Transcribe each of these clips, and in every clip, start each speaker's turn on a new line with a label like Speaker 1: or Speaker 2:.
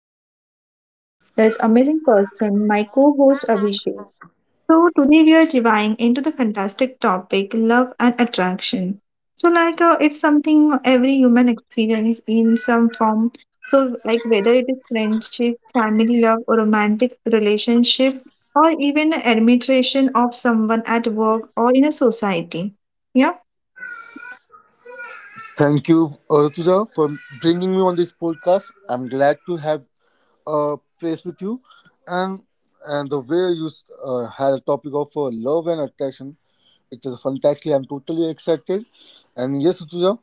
Speaker 1: and today with me this amazing person, my co-host Abhishek. So today we are diving into the fantastic topic love and attraction. So like it's something every human experience in some form. So like whether it is friendship, family love or romantic relationship or even admiration of someone at work or in a society. Yeah.
Speaker 2: Thank you, Rituja, for bringing me on this podcast. I'm glad to have a place with you, and the way you had a topic of love and attraction, it is fantastic. I'm totally excited, and yes, Rituja,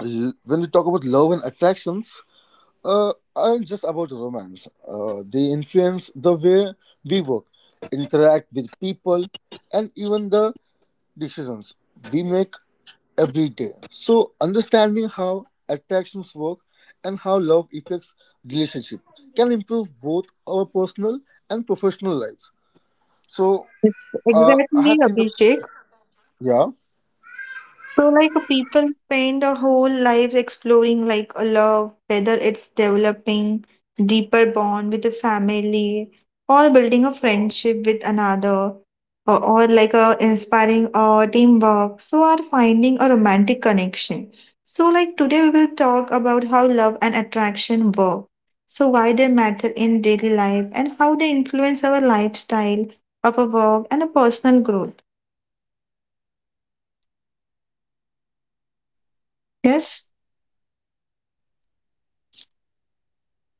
Speaker 2: when we talk about love and attractions, aren't just about romance. They influence the way we work, interact with people, and even the decisions we make every day. So, understanding how attractions work and how love affects relationship can improve both our personal and professional lives. So, I
Speaker 1: Exactly,
Speaker 2: had seen the
Speaker 1: Abhishek.
Speaker 2: yeah,
Speaker 1: So, like people spend their whole lives exploring like a love, whether it's developing deeper bond with a family or building a friendship with another or like a inspiring teamwork. So are finding a romantic connection. So like today we will talk about how love and attraction work. So why they matter in daily life and how they influence our lifestyle, our work and a personal growth.
Speaker 2: perfect, perfect. That is a
Speaker 1: Yes?
Speaker 2: major yes. I'm aligned with you, Rutuja, and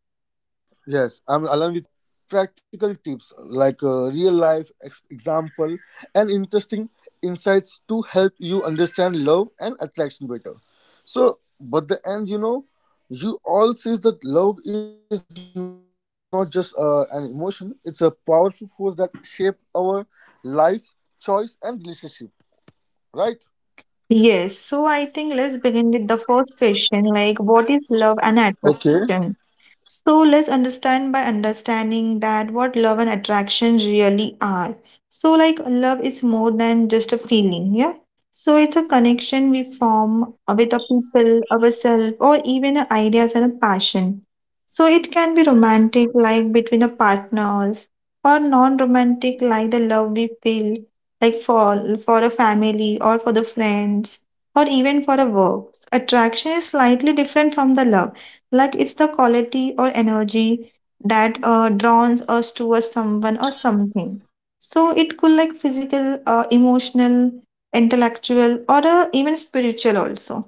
Speaker 2: we also share you know uh, practical tips like real life example and interesting insights to help you understand love and attraction better. So, but the end, you all sees that love is not just an emotion. It's a powerful force that shape our lives, choice and relationship, right?
Speaker 1: Yes, so I think let's begin with the first question like, what is love and
Speaker 2: Okay.
Speaker 1: attraction? So let's understand by understanding that what love and attraction really are. So, like, love is more than just a feeling, yeah? So, it's a connection we form with a people, ourselves, or even ideas and a passion. So, it can be romantic, like between the partners, or non romantic, like the love we feel, like for a family, or for the friends, or even for a work. Attraction is slightly different from the love like it's the quality or energy that draws us towards someone or something. So it could like physical, emotional, intellectual, or even spiritual also.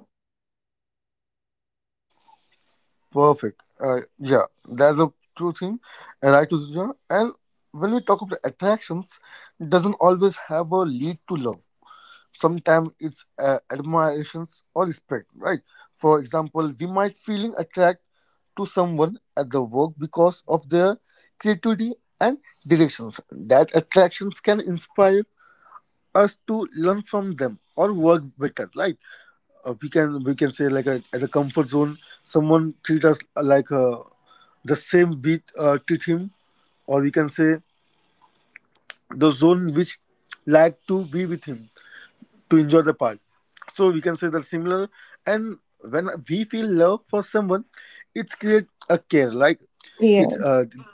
Speaker 2: Perfect. Yeah, that's a true thing. And right to Zuja. And when we talk about attractions, it doesn't always have a lead to love. Sometimes it's admirations or respect, right? For example, we might feeling attract to someone at the work because of their creativity and directions. That attractions can inspire us to learn from them or work better, right? We can say like a, as a comfort zone, someone treat us like the same we treat him, or we can say the zone which like to be with him to enjoy the part. So we can say that similar. And when we feel love for someone, it's create a care like
Speaker 1: Yeah.
Speaker 2: it's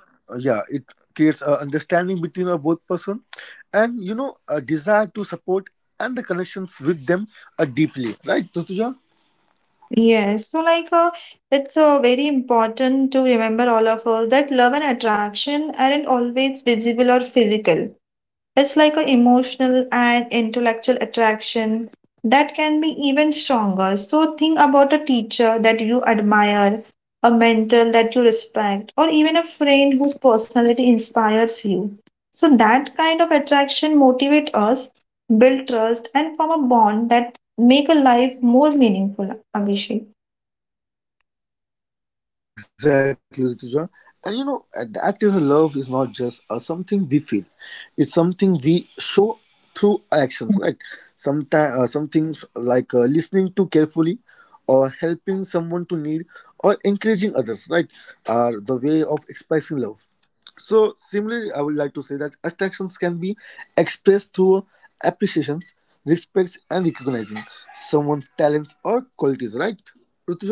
Speaker 2: yeah, it creates a understanding between our both person, and you know a desire to support and the connections with them are deeply, right, Rutuja?
Speaker 1: Yes, so like it's very important to remember all of us that love and attraction aren't always visible or physical. It's like an emotional and intellectual attraction that can be even stronger. So think about a teacher that you admire, a mentor that you respect, or even a friend whose personality inspires you. So that kind of attraction motivate us, build trust, and form a bond that make a life more meaningful, Abhishek.
Speaker 2: Yeah, exactly, Rituja. And you know, and that is a love is not just a something we feel; it's something we show through actions, right? Sometimes, some things like listening to carefully, or helping someone to need, or encouraging others, right, are the way of expressing love. So, similarly, I would like to say that attractions can be expressed through appreciations, respects, and recognizing someone's talents or qualities, right,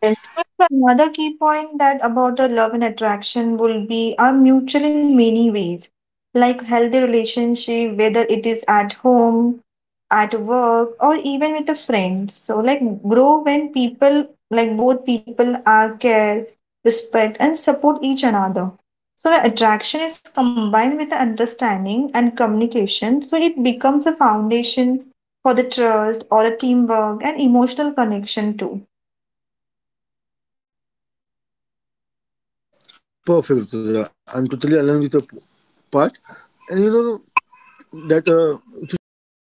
Speaker 1: Yes, that's another key point that about the love and attraction will be are mutual in many ways, like healthy relationship, whether it is at home, at work, or even with the friends. So like grow when people like both people are care, respect, and support each another. So the attraction is combined with the understanding and communication, so it becomes a foundation for the trust or a teamwork and emotional connection too.
Speaker 2: Perfect, Rutuja. I'm totally aligned with your part. And you know that Rutuja,